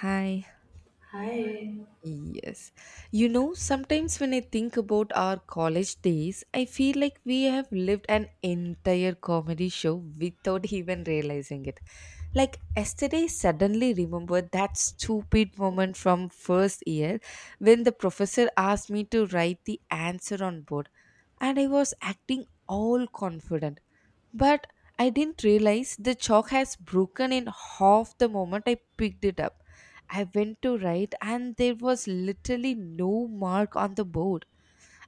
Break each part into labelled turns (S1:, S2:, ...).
S1: Hi.
S2: Hi.
S1: Yes. You know, sometimes when I think about our college days, I feel like we have lived an entire comedy show without even realizing it. Like yesterday, suddenly remembered that stupid moment from first year when the professor asked me to write the answer on board, and I was acting all confident. But I didn't realize the chalk has broken in half the moment I picked it up. I went to write, and there was literally no mark on the board.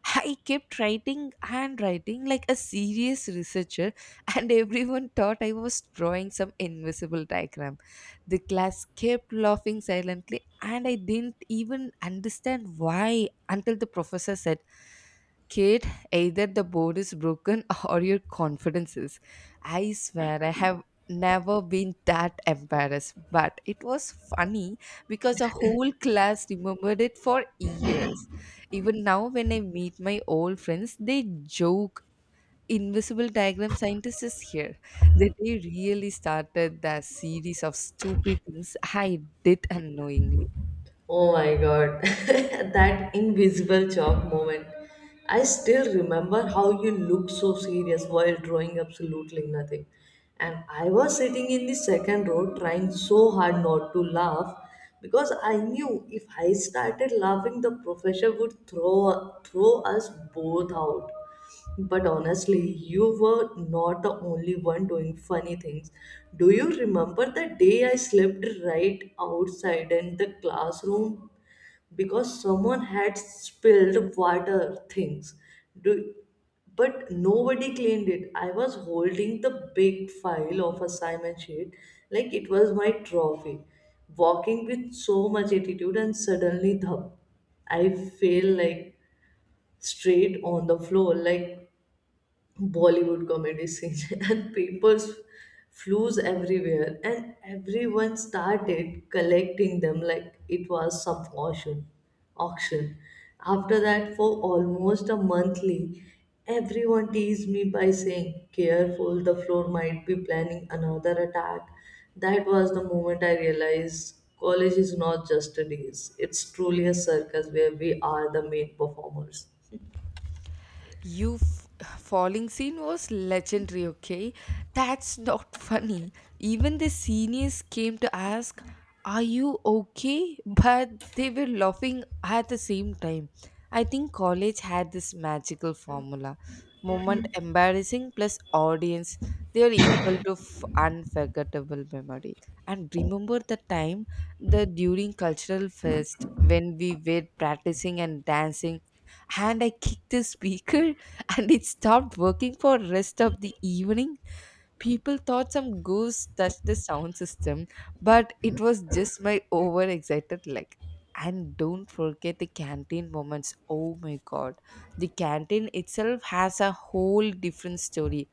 S1: I kept writing and writing, like a serious researcher, and everyone thought I was drawing some invisible diagram. The class kept laughing silently, and I didn't even understand why until the professor said, "Kid, either the board is broken or your confidence is." I swear I have never been that embarrassed, but it was funny because the whole class remembered it for years. Even now, when I meet my old friends, they joke, "Invisible diagram scientist is here." That they really started the series of stupid things I did unknowingly.
S2: Oh my god, that invisible chalk moment. I still remember how you looked so serious while drawing absolutely nothing. And I was sitting in the second row trying so hard not to laugh because I knew if I started laughing, the professor would throw us both out. But honestly, you were not the only one doing funny things. Do you remember the day I slept right outside in the classroom because someone had spilled water things? Do but nobody cleaned it. I was holding the big file of assignment sheet like it was my trophy, walking with so much attitude and suddenly the I fell like straight on the floor like Bollywood comedy scenes and papers flews everywhere and everyone started collecting them like it was some auction. After that for almost a monthly everyone teased me by saying careful the floor might be planning another attack. That was the moment I realized college is not just a days. It's truly a circus where we are the main performers.
S1: You f- Falling scene was legendary, okay? That's not funny. Even the seniors came to ask, "Are you okay?" But they were laughing at the same time. I think college had this magical formula: moment embarrassing plus audience, they are equal to unforgettable memory. And remember the time the during cultural fest when we were practicing and dancing, and I kicked the speaker and it stopped working for rest of the evening. People thought some goose touched the sound system, but it was just my overexcited leg. And don't forget the canteen moments, oh my god, the canteen itself has a whole different story.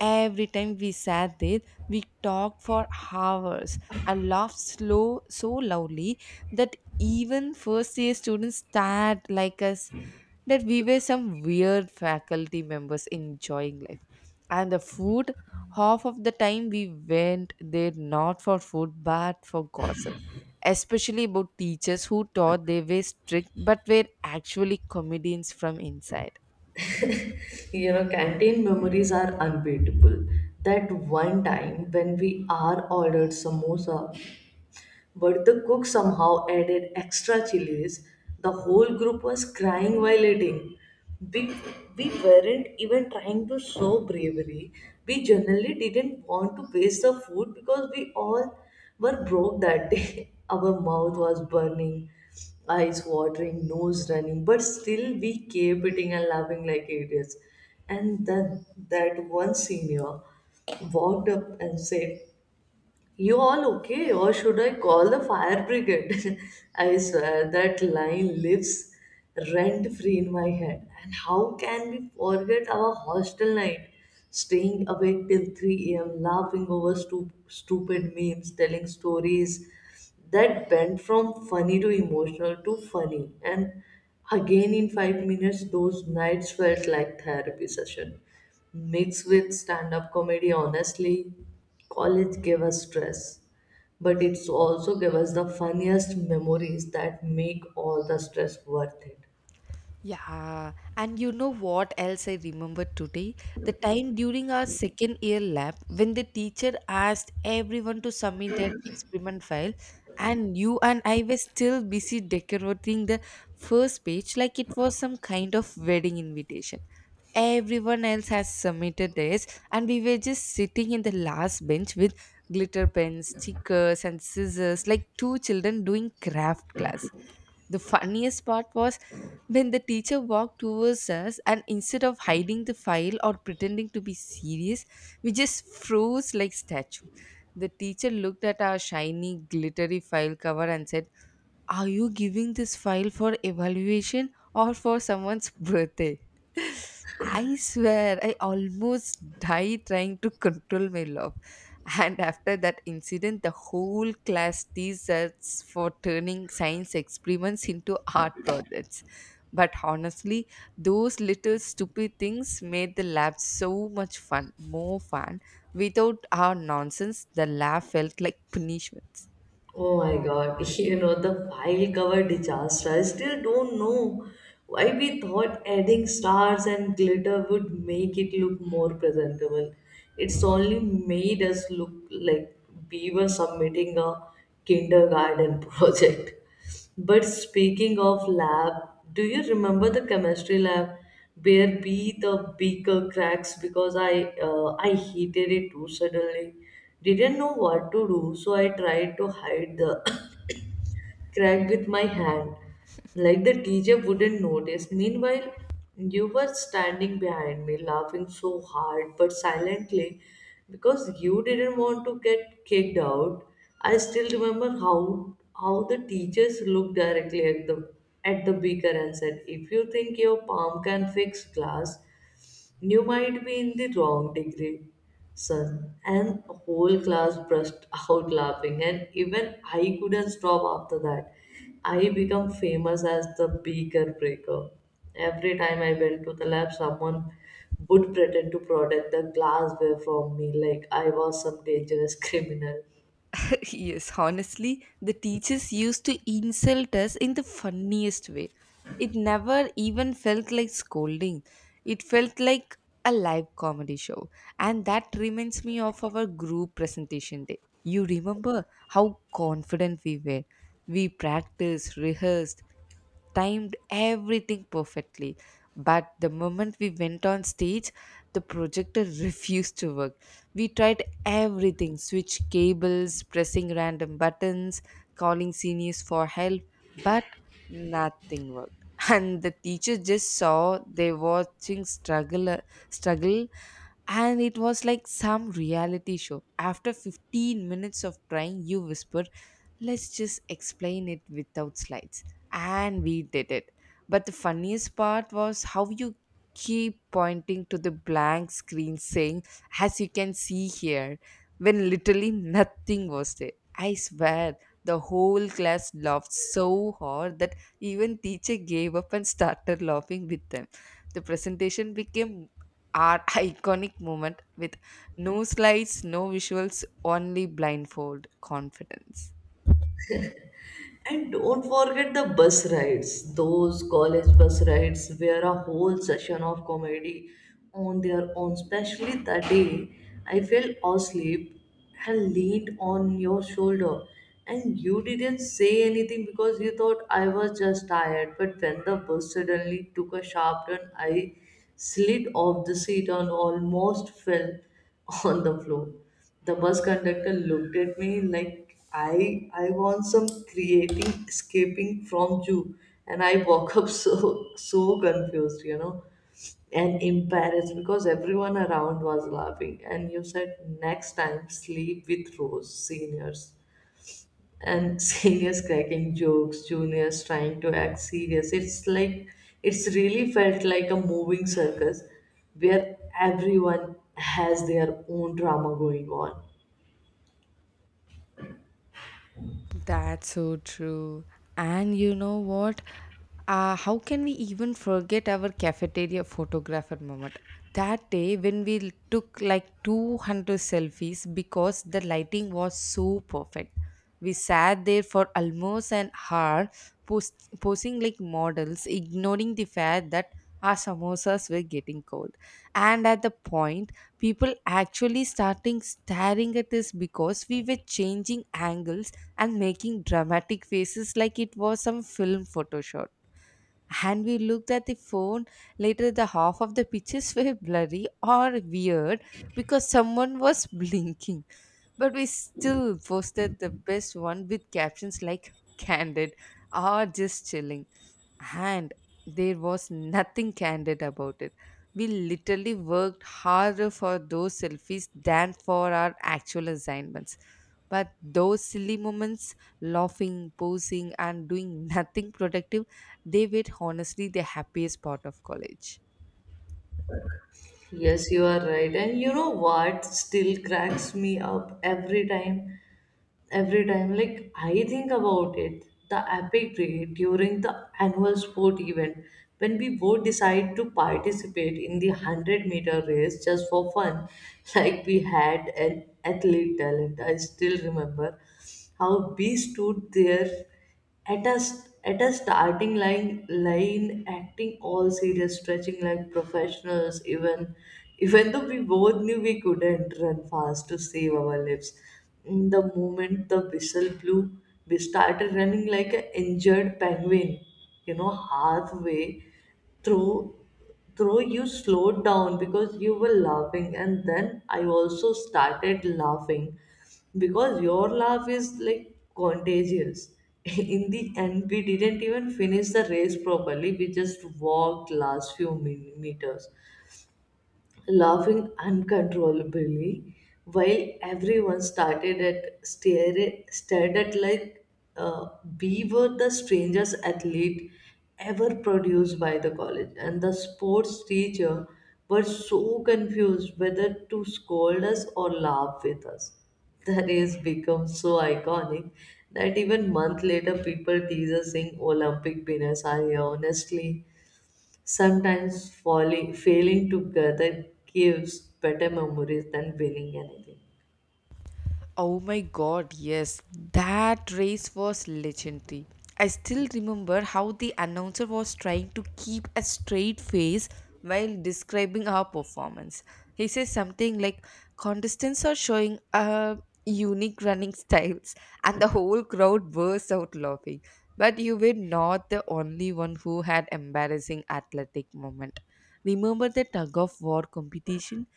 S1: Every time we sat there, we talked for hours and laughed slow so loudly that even first year students stared like us, that we were some weird faculty members enjoying life. And the food, half of the time we went there not for food but for gossip, especially about teachers who thought they were strict but were actually comedians from inside.
S2: You know, canteen memories are unbeatable. That one time when we are ordered samosa but the cook somehow added extra chilies. The whole group was crying while eating. We, we weren't even trying to show bravery. We generally didn't want to waste the food because we all were broke that day. Our mouth was burning, eyes watering, nose running, but still we kept eating and laughing like idiots. And then that one senior walked up and said, you all okay? Or should I call the fire brigade? I swear that line lives rent free in my head. And how can we forget our hostel night? Staying awake till 3 a.m., laughing over stupid memes, telling stories that went from funny to emotional to funny. And again, in 5 minutes, those nights felt like therapy session mixed with stand up comedy. Honestly, college gave us stress but it's also gave us the funniest memories that make all the stress worth it.
S1: Yeah, and you know what else I remember today? The time during our second year lab when the teacher asked everyone to submit their experiment file, and you and I were still busy decorating the first page like it was some kind of wedding invitation. Everyone else has submitted theirs, and we were just sitting in the last bench with glitter pens, stickers, and scissors like two children doing craft class. The funniest part was when the teacher walked towards us, and instead of hiding the file or pretending to be serious, we just froze like statue. The teacher looked at our shiny, glittery file cover and said, "Are you giving this file for evaluation or for someone's birthday?" I swear, I almost died trying to control my love. And after that incident, the whole class deserts for turning science experiments into art projects. But honestly, those little stupid things made the lab so much fun, more fun. Without our nonsense, the lab felt like punishment.
S2: Oh my god, you know the file cover disaster, I still don't know why we thought adding stars and glitter would make it look more presentable. It's only made us look like we were submitting a kindergarten project. But speaking of lab, do you remember the chemistry lab where be the beaker cracks because I heated it too suddenly. Didn't know what to do, so I tried to hide the cracked with my hand, like the teacher wouldn't notice. Meanwhile, you were standing behind me, laughing so hard but silently because you didn't want to get kicked out. I still remember how the teachers looked directly at the beaker and said, "If you think your palm can fix glass, you might be in the wrong degree, son." And the whole class burst out laughing, and even I couldn't stop after that. I become famous as the beaker breaker. Every time I went to the lab, someone would pretend to protect the glassware from me like I was some dangerous criminal.
S1: Yes, honestly, the teachers used to insult us in the funniest way. It never even felt like scolding. It felt like a live comedy show. And that reminds me of our group presentation day. You remember how confident we were. We practiced, rehearsed, timed everything perfectly. But the moment we went on stage, the projector refused to work. We tried everything, switch cables, pressing random buttons, calling seniors for help, but nothing worked. And the teacher just saw they watching struggle, and it was like some reality show. After 15 minutes of trying, you whispered, "Let's just explain it without slides," and we did it. But the funniest part was how you keep pointing to the blank screen saying, "As you can see here," when literally nothing was there. I swear, the whole class laughed so hard that even teacher gave up and started laughing with them. The presentation became our iconic moment, with no slides, no visuals, only blindfold confidence.
S2: And don't forget the bus rides. Those college bus rides were a whole session of comedy on their own. Especially that day, I fell asleep and leaned on your shoulder. And you didn't say anything because you thought I was just tired. But when the bus suddenly took a sharp turn, I slid off the seat and almost fell on the floor. The bus conductor looked at me like I want some creating escaping from you, and I woke up so confused, you know, and embarrassed because everyone around was laughing, and you said next time sleep with Rose seniors, and seniors cracking jokes, juniors trying to act serious. It's like it's really felt like a moving circus where everyone has their own drama going on.
S1: That's so true. And you know what? How can we even forget our cafeteria photographer moment? That day when we took like 200 selfies because the lighting was so perfect. We sat there for almost an hour, posing like models, ignoring the fact that our samosas were getting cold, and at the point people actually starting staring at us because we were changing angles and making dramatic faces like it was some film photo shoot. And we looked at the phone later, the half of the pictures were blurry or weird because someone was blinking, but we still posted the best one with captions like "candid" or "just chilling," and there was nothing candid about it. We literally worked harder for those selfies than for our actual assignments. But those silly moments, laughing, posing, and doing nothing productive, they were honestly the happiest part of college.
S2: Yes, you are right. And you know what still cracks me up every time? Every time, like, I think about it, the epic day during the annual sport event when we both decide to participate in the 100-meter race just for fun, like we had an athlete talent. I still remember how we stood there at a starting line, acting all serious, stretching like professionals, even though we both knew we couldn't run fast to save our lives. The moment the whistle blew, we started running like an injured penguin, you know, halfway through through you slowed down because you were laughing, and then I also started laughing because your laugh is like contagious. In the end, we didn't even finish the race properly. We just walked last few meters, laughing uncontrollably while everyone stared at like uh, we were the strangest athlete ever produced by the college, and the sports teacher was so confused whether to scold us or laugh with us. The race becomes so iconic that even month later people tease us saying olympic winners. I honestly, sometimes falling, failing together gives better memories than winning anything.
S1: Oh my god, yes, that race was legendary. I still remember how the announcer was trying to keep a straight face while describing our performance. He says something like, "Contestants are showing unique running styles," and the whole crowd burst out laughing. But you were not the only one who had embarrassing athletic moment. Remember the tug of war competition?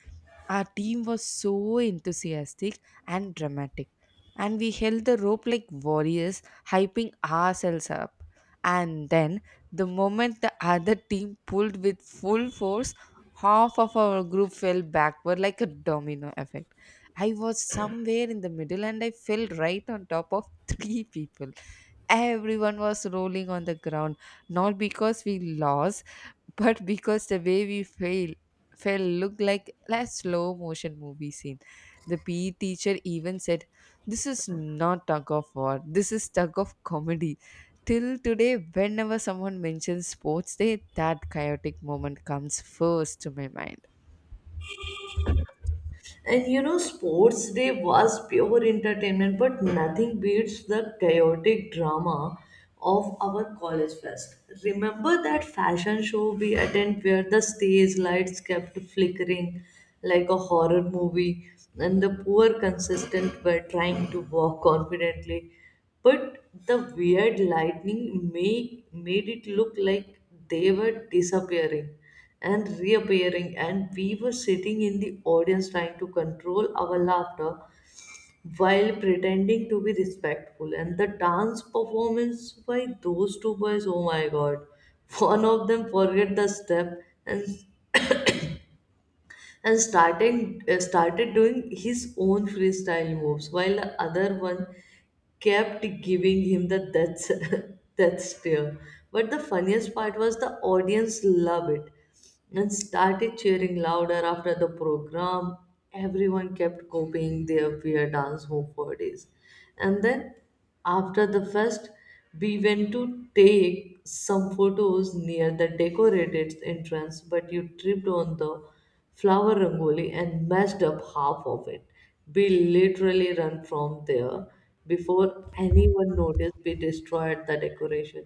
S1: Our team was so enthusiastic and dramatic, and we held the rope like warriors, hyping ourselves up. And then, the moment the other team pulled with full force, half of our group fell backward like a domino effect. I was somewhere in the middle and I fell right on top of three people. Everyone was rolling on the ground, not because we lost but because the way we fail fell looked like a slow motion movie scene. The PE teacher even said, "This is not tug of war, this is tug of comedy." Till today, whenever someone mentions sports day, that chaotic moment comes first to my mind.
S2: And you know, sports day was pure entertainment, but nothing beats the chaotic drama of our college fest. Remember that fashion show we attended where the stage lights kept flickering like a horror movie, and the poor contestants were trying to walk confidently, but the weird lightning made it look like they were disappearing and reappearing, and we were sitting in the audience trying to control our laughter while pretending to be respectful. And the dance performance by those two boys, oh my god, one of them forget the step, and and started doing his own freestyle moves while the other one kept giving him the death death stare. But the funniest part was the audience loved it and started cheering louder after the program. Everyone kept copying their weird dance move for days. And then after the fest, we went to take some photos near the decorated entrance, but you tripped on the flower rangoli and messed up half of it. We literally ran from there before anyone noticed we destroyed the decoration.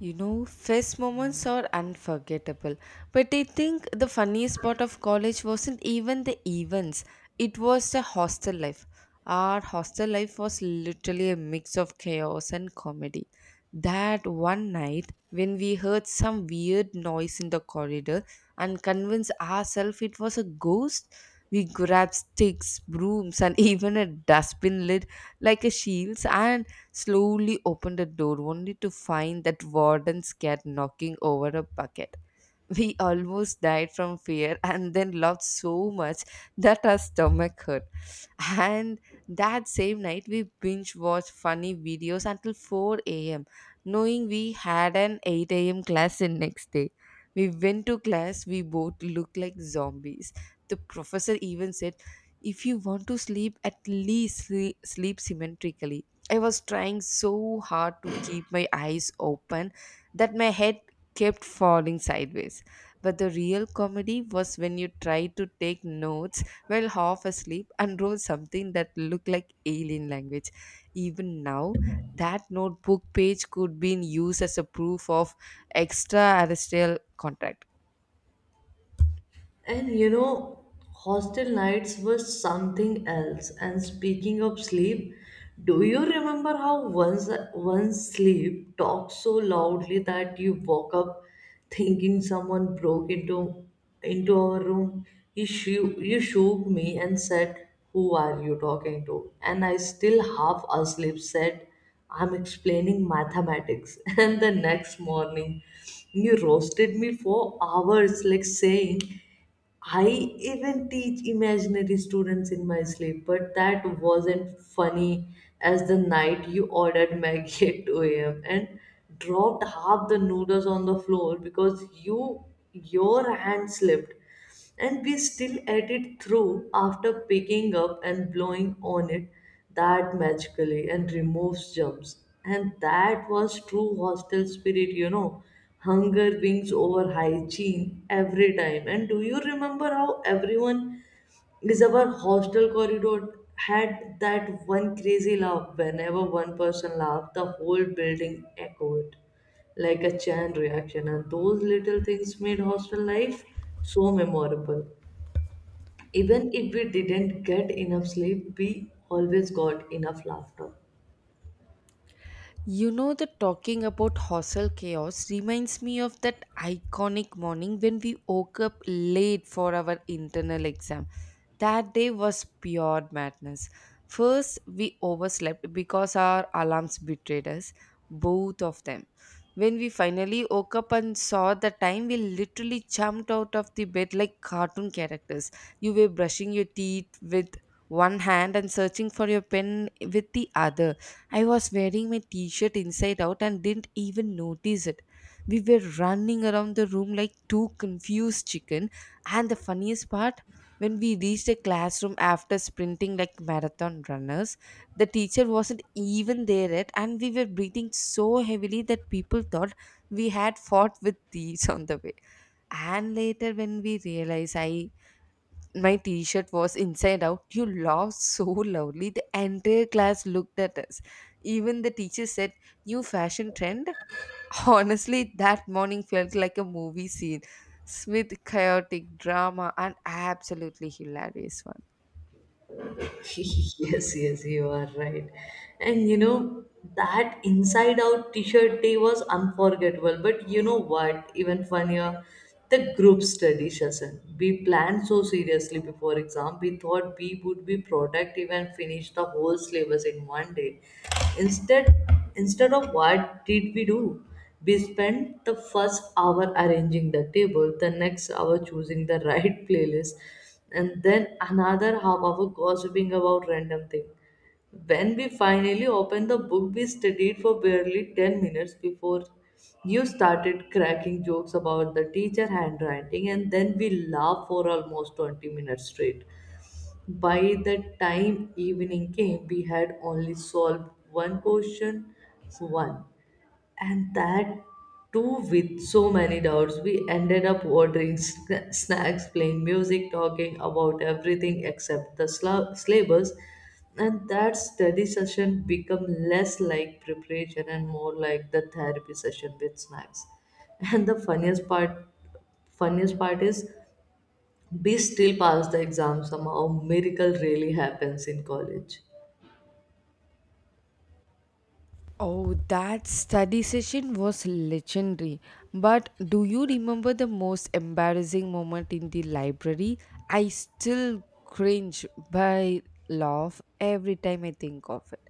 S1: You know, first moments are unforgettable. But I think the funniest part of college wasn't even the events, it was the hostel life. Our hostel life was literally a mix of chaos and comedy. That one night, when we heard some weird noise in the corridor and convinced ourselves it was a ghost, we grabbed sticks, brooms, and even a dustbin lid like a shields, and slowly opened the door only to find that warden's cat knocking over a bucket. We almost died from fear and then laughed so much that our stomach hurt. And that same night, we binge watched funny videos until 4 a.m., knowing we had an 8 a.m. class the next day. We went to class, we both looked like zombies. The professor even said, "If you want to sleep, at least sleep symmetrically." I was trying so hard to keep my eyes open that my head kept falling sideways. But the real comedy was when you try to take notes while half asleep and wrote something that looked like alien language. Even now, that notebook page could be in use as a proof of extraterrestrial contact.
S2: And you know, hostel nights were something else. And speaking of sleep, do you remember how once one's sleep talked so loudly that you woke up thinking someone broke into our room? You shook me and said, who are you talking to? And I still half asleep said, I'm explaining mathematics. And the next morning, you roasted me for hours, like saying, I even teach imaginary students in my sleep, but that wasn't funny as the night you ordered Maggie at 2 a.m. and dropped half the noodles on the floor because your hand slipped. And we still ate it through after picking up and blowing on it that magically and removes germs. And that was true hostel spirit, you know. Hunger wins over hygiene every time. And do you remember how everyone is our hostel corridor had that one crazy laugh? Whenever one person laughed, the whole building echoed like a chain reaction. And those little things made hostel life so memorable. Even if we didn't get enough sleep, we always got enough laughter.
S1: You know, that talking about hostel chaos reminds me of that iconic morning when we woke up late for our internal exam. That day was pure madness. First, we overslept because our alarms betrayed us, both of them. When we finally woke up and saw the time, we literally jumped out of the bed like cartoon characters. You were brushing your teeth with one hand and searching for your pen with the other. I was wearing my t shirt inside out and didn't even notice it. We were running around the room like two confused chicken. And the funniest part, when we reached the classroom after sprinting like marathon runners, the teacher wasn't even there yet, and we were breathing so heavily that people thought we had fought with thieves on the way. And later, when we realized, I my t-shirt was inside out, you laughed so loudly the entire class looked at us. Even the teacher said, "New fashion trend." Honestly, that morning felt like a movie scene, with chaotic drama and absolutely hilarious one.
S2: Yes, yes, you are right. And you know, that inside out t shirt day was unforgettable. But you know what? Even funnier, the group study session. We planned so seriously before exam. We thought we would be productive and finish the whole syllabus in one day. Instead, instead of what did we do? We spent the first hour arranging the table, the next hour choosing the right playlist, and then another half hour gossiping about random things. When we finally opened the book, we studied for barely 10 minutes before you started cracking jokes about the teacher handwriting, and then we laughed for almost 20 minutes straight. By the time evening came, we had only solved one question, one, and that too with so many doubts. We ended up ordering snacks, playing music, talking about everything except the syllabus. And that study session become less like preparation and more like the therapy session with snacks. And the funniest part is, we still pass the exam somehow. Miracle really happens in college.
S1: Oh, that study session was legendary. But do you remember the most embarrassing moment in the library? I still cringe by laugh every time I think of it.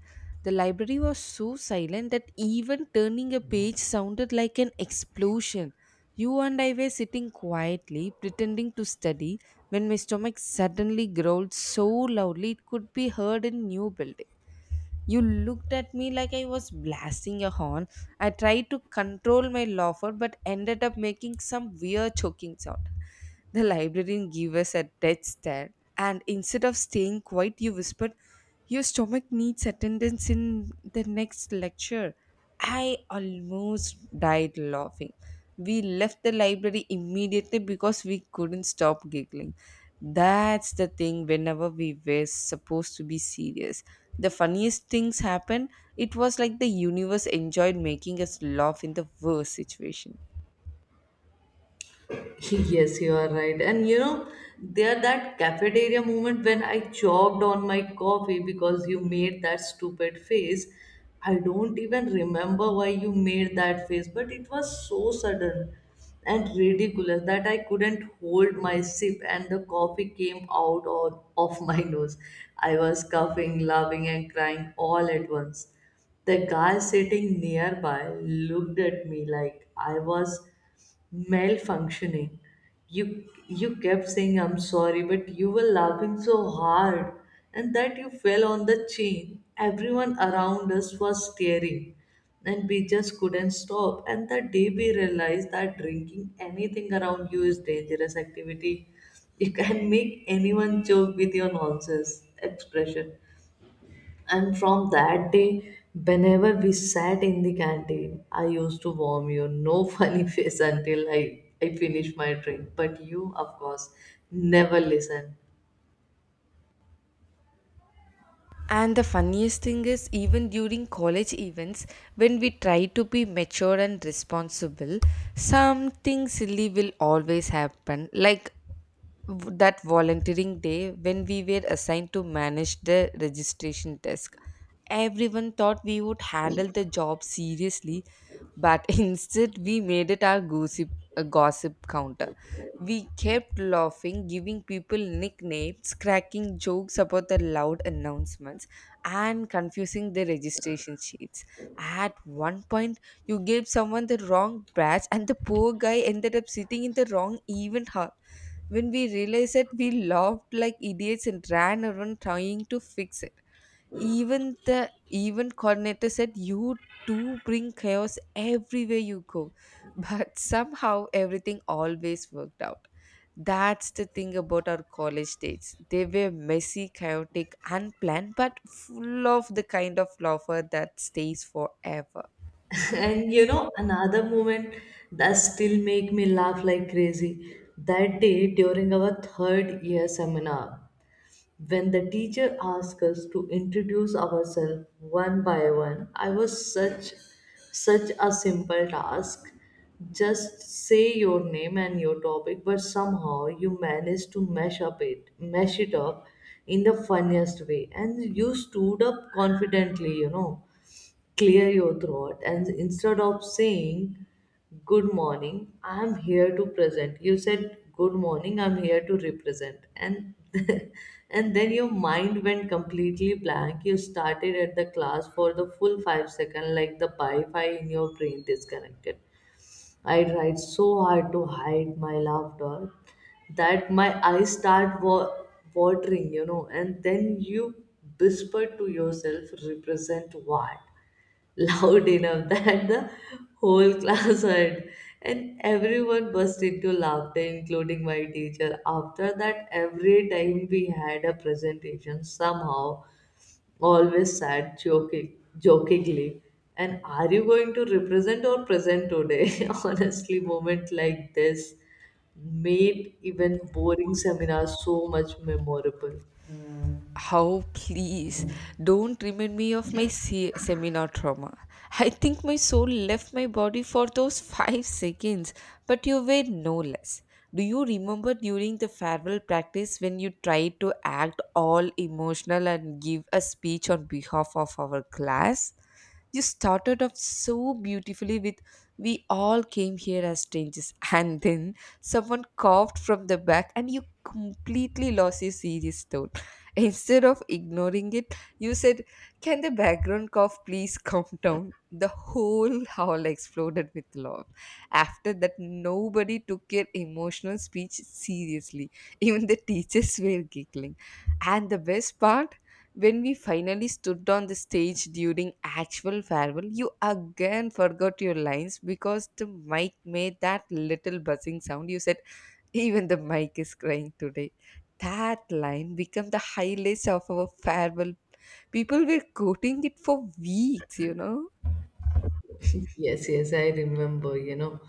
S1: The library was so silent that even turning a page sounded like an explosion. You and I were sitting quietly, pretending to study, when my stomach suddenly growled so loudly it could be heard in new building. You looked at me like I was blasting a horn. I tried to control my laughter but ended up making some weird choking sound. The librarian gave us a dead stare, and instead of staying quiet, you whispered, "Your stomach needs attendance in the next lecture." I almost died laughing. We left the library immediately because we couldn't stop giggling. That's the thing whenever we were supposed to be serious. The funniest things happened. It was like the universe enjoyed making us laugh in the worst situation.
S2: Yes, you are right. And you know, there that cafeteria moment when I choked on my coffee because you made that stupid face. I don't even remember why you made that face, but it was so sudden and ridiculous that I couldn't hold my sip and the coffee came out on, of my nose. I was coughing, laughing, and crying all at once. The guy sitting nearby looked at me like I was malfunctioning. You kept saying I'm sorry, but you were laughing so hard and that you fell on the chain. Everyone around us was staring and we just couldn't stop. And the day we realized that drinking anything around you is dangerous activity. You can make anyone joke with your nonsense expression. And from that day, whenever we sat in the canteen, I used to warm you, no funny face until I finished my drink. But you, of course, never listen.
S1: And the funniest thing is, even during college events, when we try to be mature and responsible, something silly will always happen. Like that volunteering day when we were assigned to manage the registration desk. Everyone thought we would handle the job seriously, but instead we made it our gossip counter. We kept laughing, giving people nicknames, cracking jokes about the loud announcements, and confusing the registration sheets. At one point, you gave someone the wrong badge, and the poor guy ended up sitting in the wrong event hall. When we realized it, we laughed like idiots and ran around trying to fix it. Even the event coordinator said, "You do bring chaos everywhere you go." But somehow everything always worked out. That's the thing about our college dates: they were messy, chaotic, unplanned, but full of the kind of laughter that stays forever.
S2: And you know, another moment that still make me laugh like crazy. That day during our third year seminar, when the teacher asked us to introduce ourselves one by one, I was such a simple task. Just say your name and your topic, but somehow you managed to mash it up in the funniest way, and you stood up confidently, you know, clear your throat, and instead of saying good morning, I'm here to present, you said good morning, I'm here to represent, and and then your mind went completely blank. You started at the class for the full 5 second, like the wi-fi in your brain disconnected. I tried so hard to hide my laughter that my eyes start watering, you know, and then you whisper to yourself, represent what, loud enough that the whole class heard, and everyone burst into laughter, including my teacher. After that, every time we had a presentation, somehow always said jokingly, and are you going to represent or present today? Honestly, moment like this made even boring seminars so much memorable.
S1: How please don't remind me of my seminar trauma. I think my soul left my body for those 5 seconds, but you were no less. Do you remember during the farewell practice when you tried to act all emotional and give a speech on behalf of our class? You started off so beautifully with, "We all came here as strangers," and then someone coughed from the back and you completely lost your serious tone. Instead of ignoring it, you said, "Can the background cough please calm down?" The whole hall exploded with love. After that, nobody took your emotional speech seriously. Even the teachers were giggling. And the best part, when we finally stood on the stage during actual farewell, you again forgot your lines because the mic made that little buzzing sound. You said, "Even the mic is crying today." That line became the highlights of our farewell. People were quoting it for weeks,
S2: Yes, yes, I remember, you know.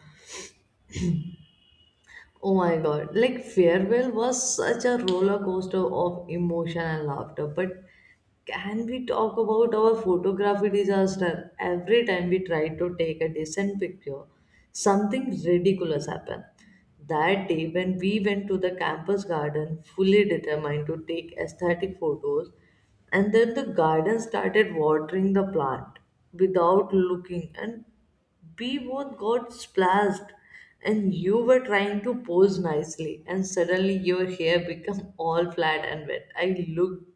S2: Oh my god, like farewell was such a roller coaster of emotion and laughter. But can we talk about our photography disaster? Every time we tried to take a decent picture, something ridiculous happened. That day, when we went to the campus garden, fully determined to take aesthetic photos, and then the garden started watering the plant without looking, and we both got splashed, and you were trying to pose nicely, and suddenly your hair became all flat and wet. I looked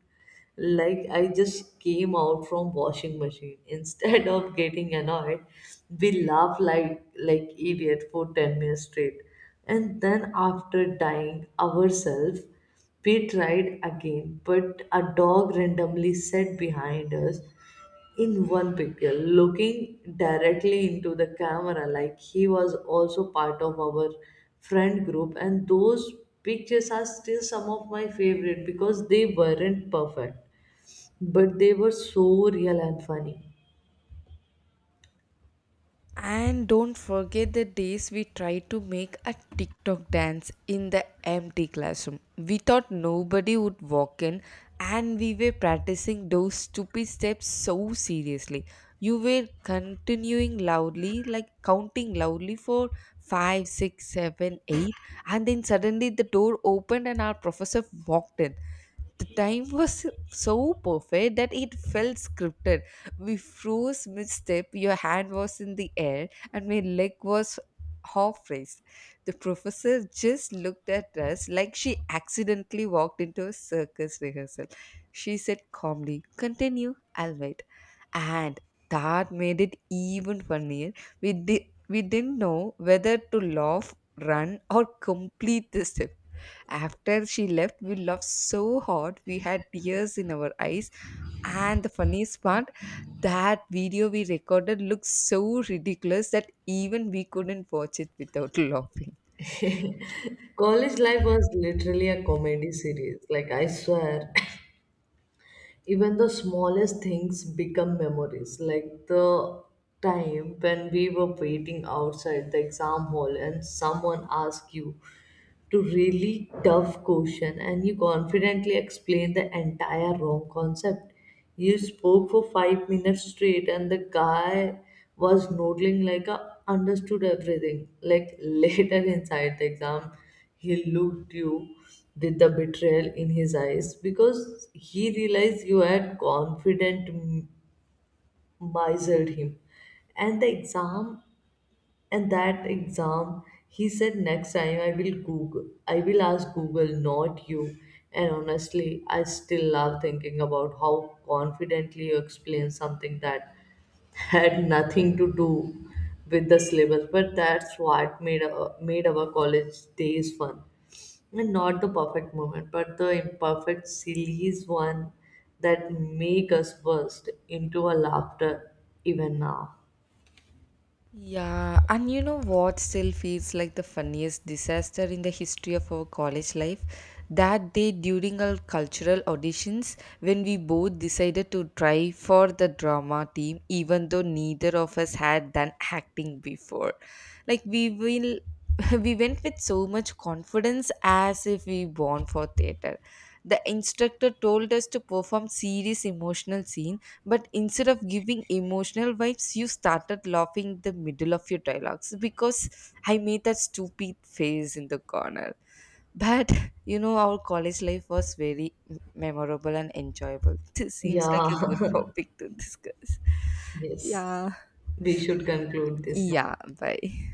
S2: like I just came out from washing machine. Instead of getting annoyed, we laughed like idiot for 10 minutes straight, and then after dying ourselves, we tried again. But a dog randomly sat behind us in one picture looking directly into the camera like he was also part of our friend group, and those pictures are still some of my favorite because they weren't perfect, but they were so real and funny.
S1: And don't forget the days we tried to make a TikTok dance in the empty classroom. We thought nobody would walk in, and we were practicing those stupid steps so seriously. You were continuing loudly, like counting loudly for five, six, seven, eight, and then suddenly the door opened and our professor walked in. The time was so perfect that it felt scripted. We froze mid-step, your hand was in the air, and my leg was half raised. The professor just looked at us like she accidentally walked into a circus rehearsal. She said calmly, "Continue, I'll wait." And that made it even funnier. We didn't know whether to laugh, run, or complete the step. After she left, we laughed so hard, we had tears in our eyes. And the funniest part, that video we recorded looked so ridiculous that even we couldn't watch it without laughing.
S2: College life was literally a comedy series, like I swear, even the smallest things become memories, like the time when we were waiting outside the exam hall and someone asked you to really tough question and you confidently explained the entire wrong concept. You spoke for 5 minutes straight and the guy was nodding like a understood everything. Like later inside the exam, he looked you with the betrayal in his eyes because he realized you had confident misered him and the exam and that exam, he said, next time I will I will ask Google, not you. And honestly, I still love thinking about how confidently you explain something that had nothing to do with the syllabus. But that's what made made our college days fun. And not the perfect moment, but the imperfect, silliest one that make us burst into a laughter even now.
S1: Yeah, and you know what still feels like the funniest disaster in the history of our college life? That day during our cultural auditions, when we both decided to try for the drama team, even though neither of us had done acting before. Like, we will. We went with so much confidence as if we born for theater. The instructor told us to perform serious emotional scenes, but instead of giving emotional vibes, you started laughing in the middle of your dialogues because I made that stupid face in the corner. But you know, our college life was very memorable and enjoyable. This seems like
S2: Yeah,
S1: a good topic to discuss.
S2: yes.
S1: Yeah.
S2: We should conclude this now.
S1: Yeah, bye.